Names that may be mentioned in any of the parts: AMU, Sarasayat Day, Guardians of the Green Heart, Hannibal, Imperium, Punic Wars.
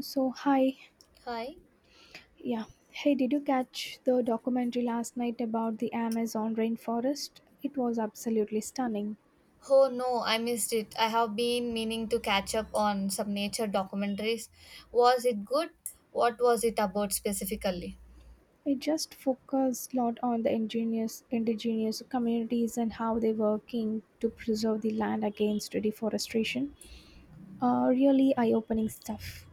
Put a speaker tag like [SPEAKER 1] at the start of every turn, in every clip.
[SPEAKER 1] So, hi.
[SPEAKER 2] Hi.
[SPEAKER 1] Yeah. Hey, did you catch the documentary last night about the Amazon rainforest? It was absolutely stunning.
[SPEAKER 2] Oh no, I missed it. I have been meaning to catch up on some nature documentaries. Was it good? What was it about specifically?
[SPEAKER 1] It just focused a lot on the indigenous communities and how they're working to preserve the land against deforestation. Really eye-opening stuff.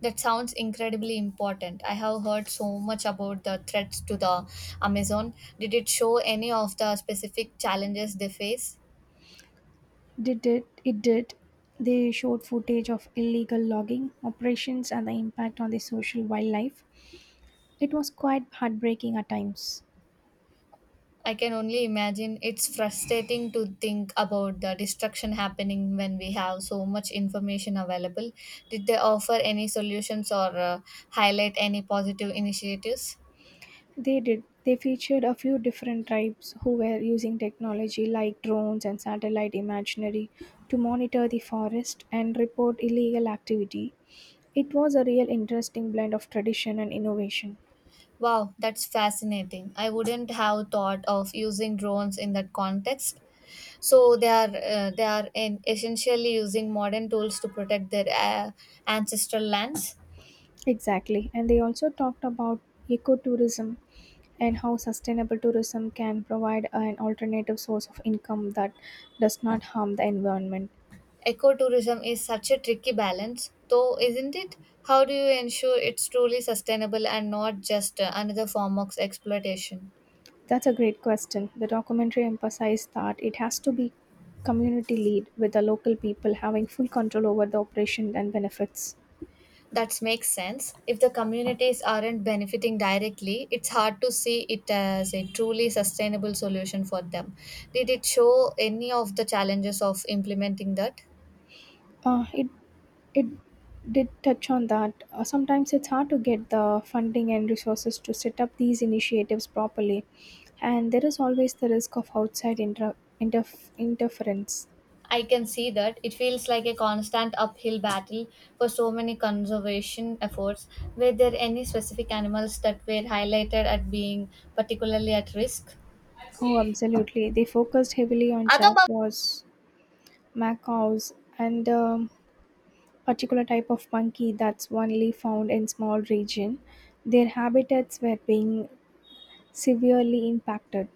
[SPEAKER 2] That sounds incredibly important. I have heard so much about the threats to the Amazon. Did it show any of the specific challenges they face?
[SPEAKER 1] Did it? It did. They showed footage of illegal logging operations and the impact on the social wildlife. It was quite heartbreaking at times.
[SPEAKER 2] I can only imagine it's frustrating to think about the destruction happening when we have so much information available. Did they offer any solutions or highlight any positive initiatives?
[SPEAKER 1] They did. They featured a few different tribes who were using technology like drones and satellite imagery to monitor the forest and report illegal activity. It was a real interesting blend of tradition and innovation.
[SPEAKER 2] Wow, that's fascinating. I wouldn't have thought of using drones in that context. So they are in essentially using modern tools to protect their ancestral lands.
[SPEAKER 1] Exactly. And they also talked about ecotourism and how sustainable tourism can provide an alternative source of income that does not harm the environment.
[SPEAKER 2] Ecotourism is such a tricky balance, though, isn't it? How do you ensure it's truly sustainable and not just another form of exploitation?
[SPEAKER 1] That's a great question. The documentary emphasized that it has to be community lead with the local people having full control over the operation and benefits.
[SPEAKER 2] That makes sense. If the communities aren't benefiting directly, it's hard to see it as a truly sustainable solution for them. Did it show any of the challenges of implementing that?
[SPEAKER 1] Uh, it it did touch on that. Sometimes it's hard to get the funding and resources to set up these initiatives properly, and there is always the risk of outside interference.
[SPEAKER 2] I can see that it feels like a constant uphill battle for so many conservation efforts. Were there any specific animals that were highlighted at being particularly at risk?
[SPEAKER 1] Oh, absolutely. They focused heavily on
[SPEAKER 2] Other about
[SPEAKER 1] Jaguars, Macaws, and particular type of monkey that's only found in small region, their habitats were being severely impacted,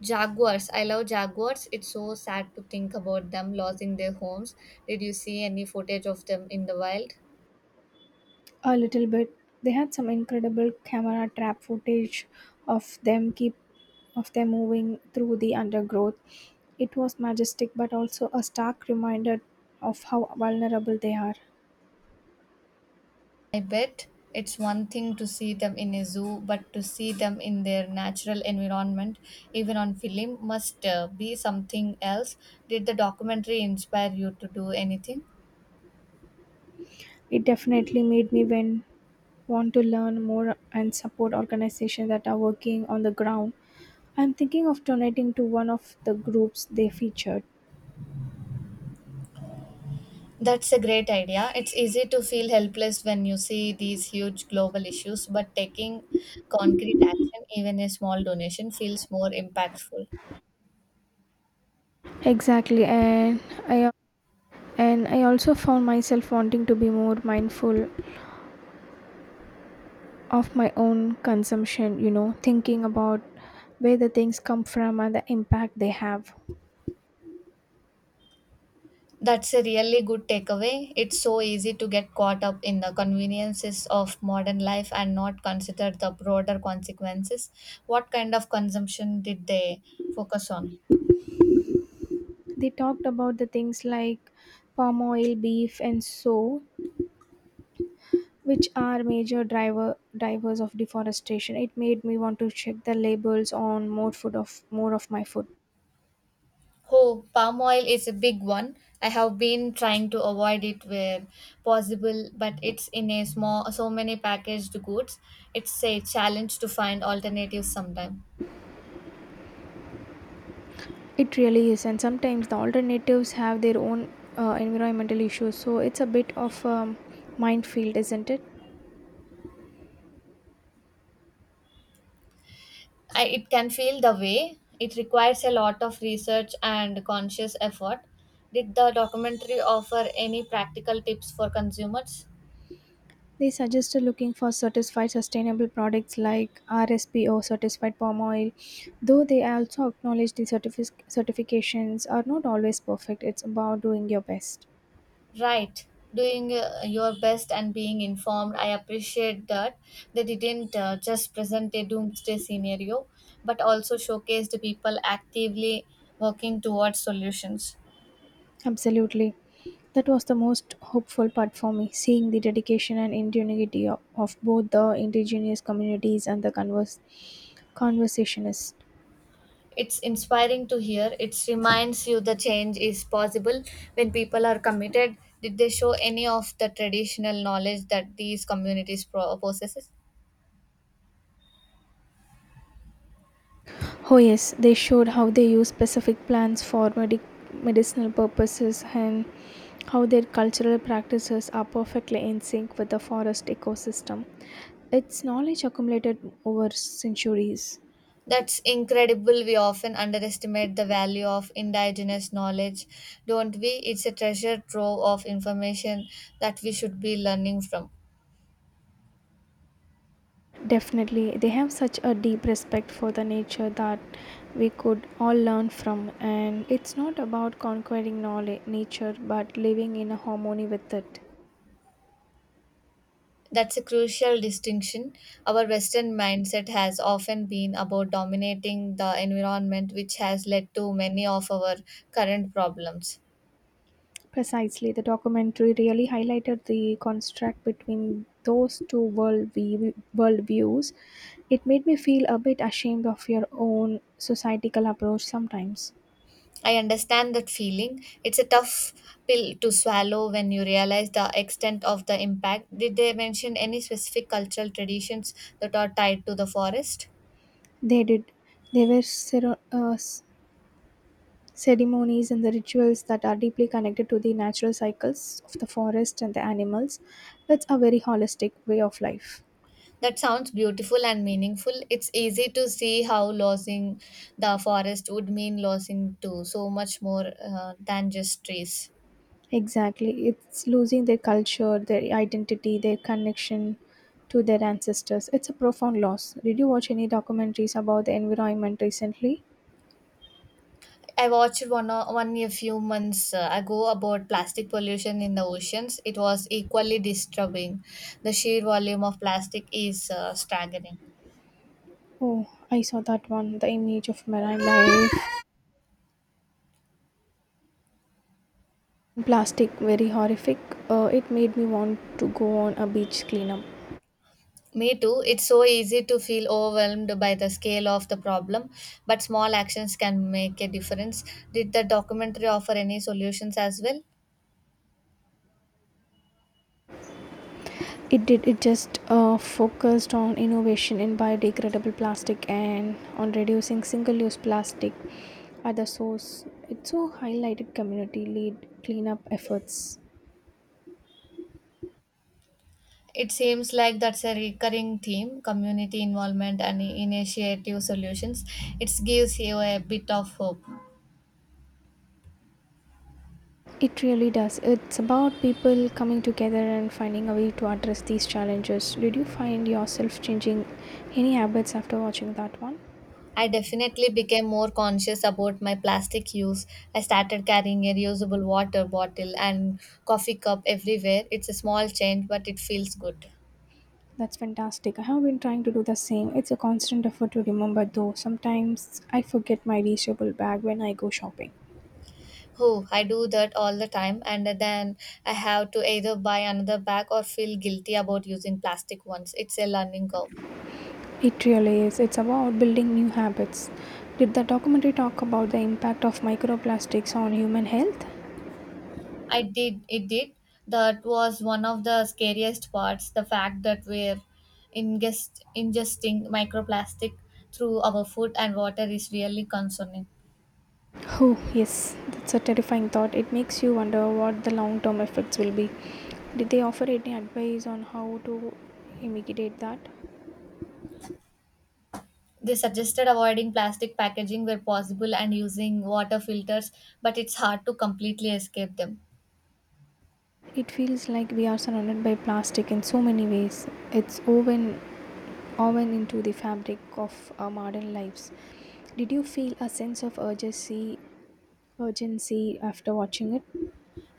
[SPEAKER 2] Jaguars. I love jaguars. It's so sad to think about them losing their homes. Did you see any footage of them in the wild?
[SPEAKER 1] a little bit. They had some incredible camera trap footage of them keep of them moving through the undergrowth. It was majestic but also a stark reminder of how vulnerable they are.
[SPEAKER 2] I bet it's one thing to see them in a zoo, but to see them in their natural environment, even on film, must be something else. Did the documentary inspire you to do anything?
[SPEAKER 1] It definitely made me when want to learn more and support organizations that are working on the ground. I'm thinking of donating to one of the groups they featured.
[SPEAKER 2] That's a great idea. It's easy to feel helpless when you see these huge global issues, but taking concrete action, even a small donation, feels more impactful.
[SPEAKER 1] Exactly, I and I also found myself wanting to be more mindful of my own consumption, you know, thinking about where the things come from and the impact they have.
[SPEAKER 2] That's a really good takeaway. It's so easy to get caught up in the conveniences of modern life and not consider the broader consequences. What kind of consumption did they focus on?
[SPEAKER 1] They talked about the things like palm oil, beef and so, which are major drivers of deforestation. It made me want to check the labels on more of my food.
[SPEAKER 2] Oh, palm oil is a big one. I have been trying to avoid it where possible, but it's in a small so many packaged goods. It's a challenge to find alternatives sometime.
[SPEAKER 1] It really is, and sometimes the alternatives have their own environmental issues, so it's a bit of a minefield, isn't it?
[SPEAKER 2] I, it can feel the way it requires a lot of research and conscious effort. Did the documentary offer any practical tips for consumers?
[SPEAKER 1] They suggested looking for certified sustainable products like RSP or certified palm oil, though they also acknowledge the certifications are not always perfect. It's about doing your best.
[SPEAKER 2] Right, doing your best and being informed. I appreciate that they didn't just present a doomsday scenario, but also showcased people actively working towards solutions.
[SPEAKER 1] Absolutely. That was the most hopeful part for me, seeing the dedication and ingenuity of both the indigenous communities and the conversationists.
[SPEAKER 2] It's inspiring to hear. It reminds you the change is possible when people are committed. Did they show any of the traditional knowledge that these communities possesses?
[SPEAKER 1] Oh yes, they showed how they use specific plants for medicinal purposes and how their cultural practices are perfectly in sync with the forest ecosystem. It's knowledge accumulated over centuries.
[SPEAKER 2] That's incredible. We often underestimate the value of indigenous knowledge, don't we? It's a treasure trove of information that we should be learning from.
[SPEAKER 1] Definitely, they have such a deep respect for the nature that we could all learn from, and it's not about conquering knowledge, nature but living in a harmony with it.
[SPEAKER 2] That's a crucial distinction. Our Western mindset has often been about dominating the environment, which has led to many of our current problems.
[SPEAKER 1] Precisely, the documentary really highlighted the contrast between those two worldviews. It made me feel a bit ashamed of your own societal approach sometimes.
[SPEAKER 2] I understand that feeling. It's a tough pill to swallow when you realize the extent of the impact. Did they mention any specific cultural traditions that are tied to the forest?
[SPEAKER 1] They did. There were ceremonies and the rituals that are deeply connected to the natural cycles of the forest and the animals. That's a very holistic way of life.
[SPEAKER 2] That sounds beautiful and meaningful. It's easy to see how losing the forest would mean losing to so much more than just trees.
[SPEAKER 1] Exactly. It's losing their culture, their identity, their connection to their ancestors. It's a profound loss. Did you watch any documentaries about the environment recently?
[SPEAKER 2] I watched one a few months ago about plastic pollution in the oceans. It was equally disturbing. The sheer volume of plastic is staggering.
[SPEAKER 1] Oh, I saw that one. The image of marine life, plastic, very horrific. It made me want to go on a beach cleanup.
[SPEAKER 2] Me too. It's so easy to feel overwhelmed by the scale of the problem, but small actions can make a difference. Did the documentary offer any solutions as well?
[SPEAKER 1] It did, it just focused on innovation in biodegradable plastic and on reducing single-use plastic at the source. It so highlighted community led cleanup efforts.
[SPEAKER 2] It seems like that's a recurring theme community involvement and initiative solutions. It gives you a bit of hope.
[SPEAKER 1] It really does, it's about people coming together and finding a way to address these challenges. Did you find yourself changing any habits after watching that one?
[SPEAKER 2] I definitely became more conscious about my plastic use. I started carrying a reusable water bottle and coffee cup everywhere. It's a small change, but it feels good.
[SPEAKER 1] That's fantastic. I have been trying to do the same. It's a constant effort to remember, though. Sometimes I forget my reachable bag when I go shopping.
[SPEAKER 2] Oh, I do that all the time, and then I have to either buy another bag or feel guilty about using plastic ones. It's a learning curve.
[SPEAKER 1] It really is. It's about building new habits. Did the documentary talk about the impact of microplastics on human health?
[SPEAKER 2] I did, it did. That was one of the scariest parts the fact that we're ingesting microplastic through our food and water is really concerning.
[SPEAKER 1] Oh, yes, that's a terrifying thought. It makes you wonder what the long term effects will be. Did they offer any advice on how to mitigate that?
[SPEAKER 2] They suggested avoiding plastic packaging where possible and using water filters, but it's hard to completely escape them.
[SPEAKER 1] It feels like we are surrounded by plastic in so many ways. It's woven into the fabric of our modern lives. Did you feel a sense of urgency after watching it?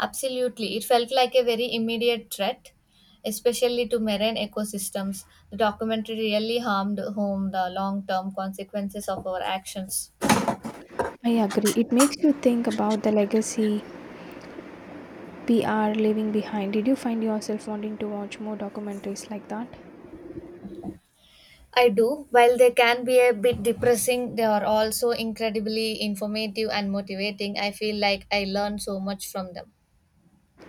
[SPEAKER 2] Absolutely. It felt like a very immediate threat, especially to marine ecosystems. The documentary really harmed home the long term consequences of our actions.
[SPEAKER 1] I agree. It makes you think about the legacy we are leaving behind. Did you find yourself wanting to watch more documentaries like that?
[SPEAKER 2] I do. While they can be a bit depressing, they are also incredibly informative and motivating. I feel like I learn so much from them.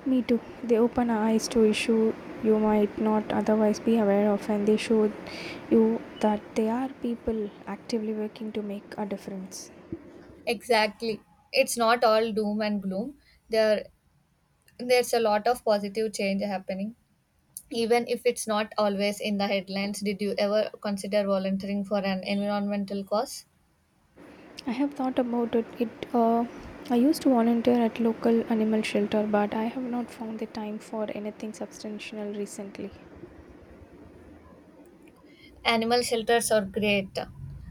[SPEAKER 1] Me too. They open our eyes to issues you might not otherwise be aware of, and they show you that there are people actively working to make a difference.
[SPEAKER 2] Exactly. It's not all doom and gloom. There there's a lot of positive change happening, even if it's not always in the headlines. Did you ever consider volunteering for an environmental cause?
[SPEAKER 1] I have thought about it. I used to volunteer at local animal shelter, but I have not found the time for anything substantial recently.
[SPEAKER 2] Animal shelters are great.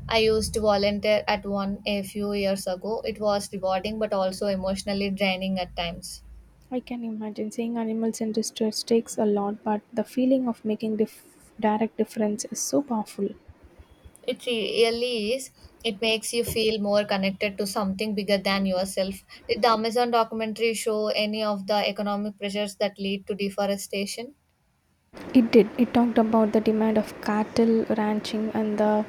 [SPEAKER 2] I used to volunteer at one a few years ago. It was rewarding but also emotionally draining at times.
[SPEAKER 1] I can imagine seeing animals in distress takes a lot, but the feeling of making direct difference is so powerful.
[SPEAKER 2] It really is. It makes you feel more connected to something bigger than yourself. Did the Amazon documentary show any of the economic pressures that lead to deforestation?
[SPEAKER 1] It did. It talked about the demand of cattle ranching and the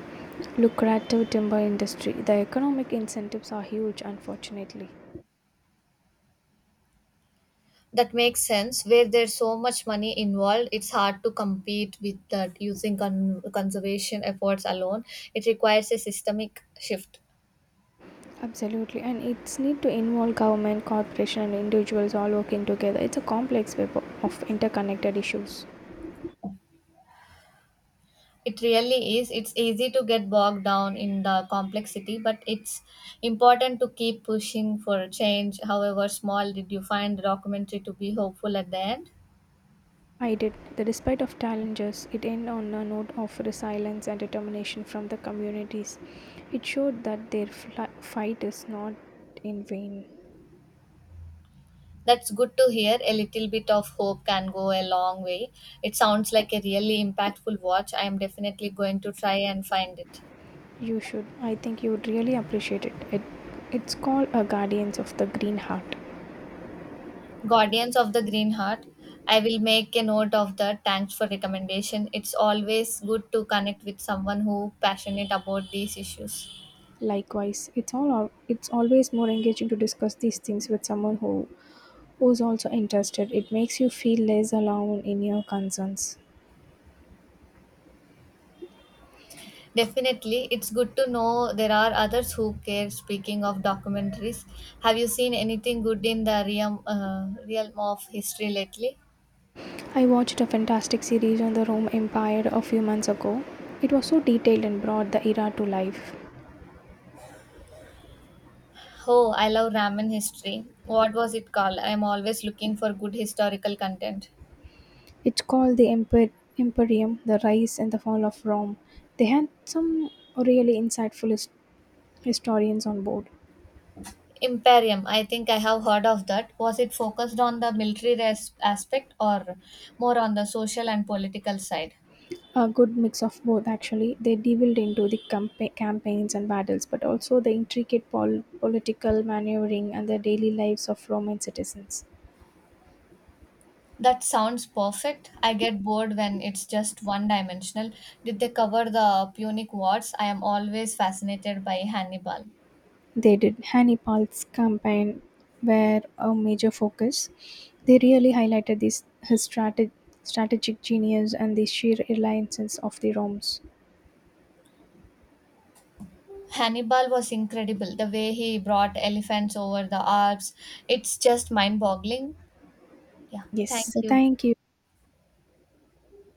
[SPEAKER 1] lucrative timber industry. The economic incentives are huge, unfortunately.
[SPEAKER 2] That makes sense. Where there's so much money involved, it's hard to compete with that using conservation efforts alone. It requires a systemic shift.
[SPEAKER 1] Absolutely, and it's need to involve government, corporation, and individuals all working together. It's a complex web of interconnected issues.
[SPEAKER 2] It really is. It's easy to get bogged down in the complexity, but it's important to keep pushing for change, however small. Did you find the documentary to be hopeful at the end?
[SPEAKER 1] I did. The despite of challenges, it ended on a note of resilience and determination from the communities. It showed that their fight is not in vain.
[SPEAKER 2] That's good to hear. A little bit of hope can go a long way. It sounds like a really impactful watch. I am definitely going to try and find it.
[SPEAKER 1] You should. I think you would really appreciate it. It's called a Guardians of the Green Heart.
[SPEAKER 2] Guardians of the Green Heart. I will make a note of that. Thanks for recommendation. It's always good to connect with someone who passionate about these issues.
[SPEAKER 1] Likewise, it's always more engaging to discuss these things with someone who who's also interested. It makes you feel less alone in your concerns.
[SPEAKER 2] Definitely, it's good to know there are others who care. Speaking of documentaries, have you seen anything good in the realm of history lately?
[SPEAKER 1] I watched a fantastic series on the Rome Empire a few months ago. It was so detailed and brought the era to life.
[SPEAKER 2] Oh, I love ramen history. What was it called? I'm always looking for good historical content.
[SPEAKER 1] It's called Imperium, The Rise and the Fall of Rome. They had some really insightful historians on board.
[SPEAKER 2] Imperium, I think I have heard of that. Was it focused on the aspect or more on the social and political side?
[SPEAKER 1] A good mix of both, actually. They delved into the campaigns and battles, but also the intricate political maneuvering and the daily lives of Roman citizens.
[SPEAKER 2] That sounds perfect. I get bored when it's just one dimensional. Did they cover the Punic Wars? I am always fascinated by Hannibal.
[SPEAKER 1] They did. Hannibal's campaign were a major focus. They really highlighted his strategic genius and the sheer alliances of the Romans.
[SPEAKER 2] Hannibal was incredible. The way he brought elephants over the Alps, it's just mind boggling. Yeah,
[SPEAKER 1] Yes, so
[SPEAKER 2] thank you.
[SPEAKER 1] thank you.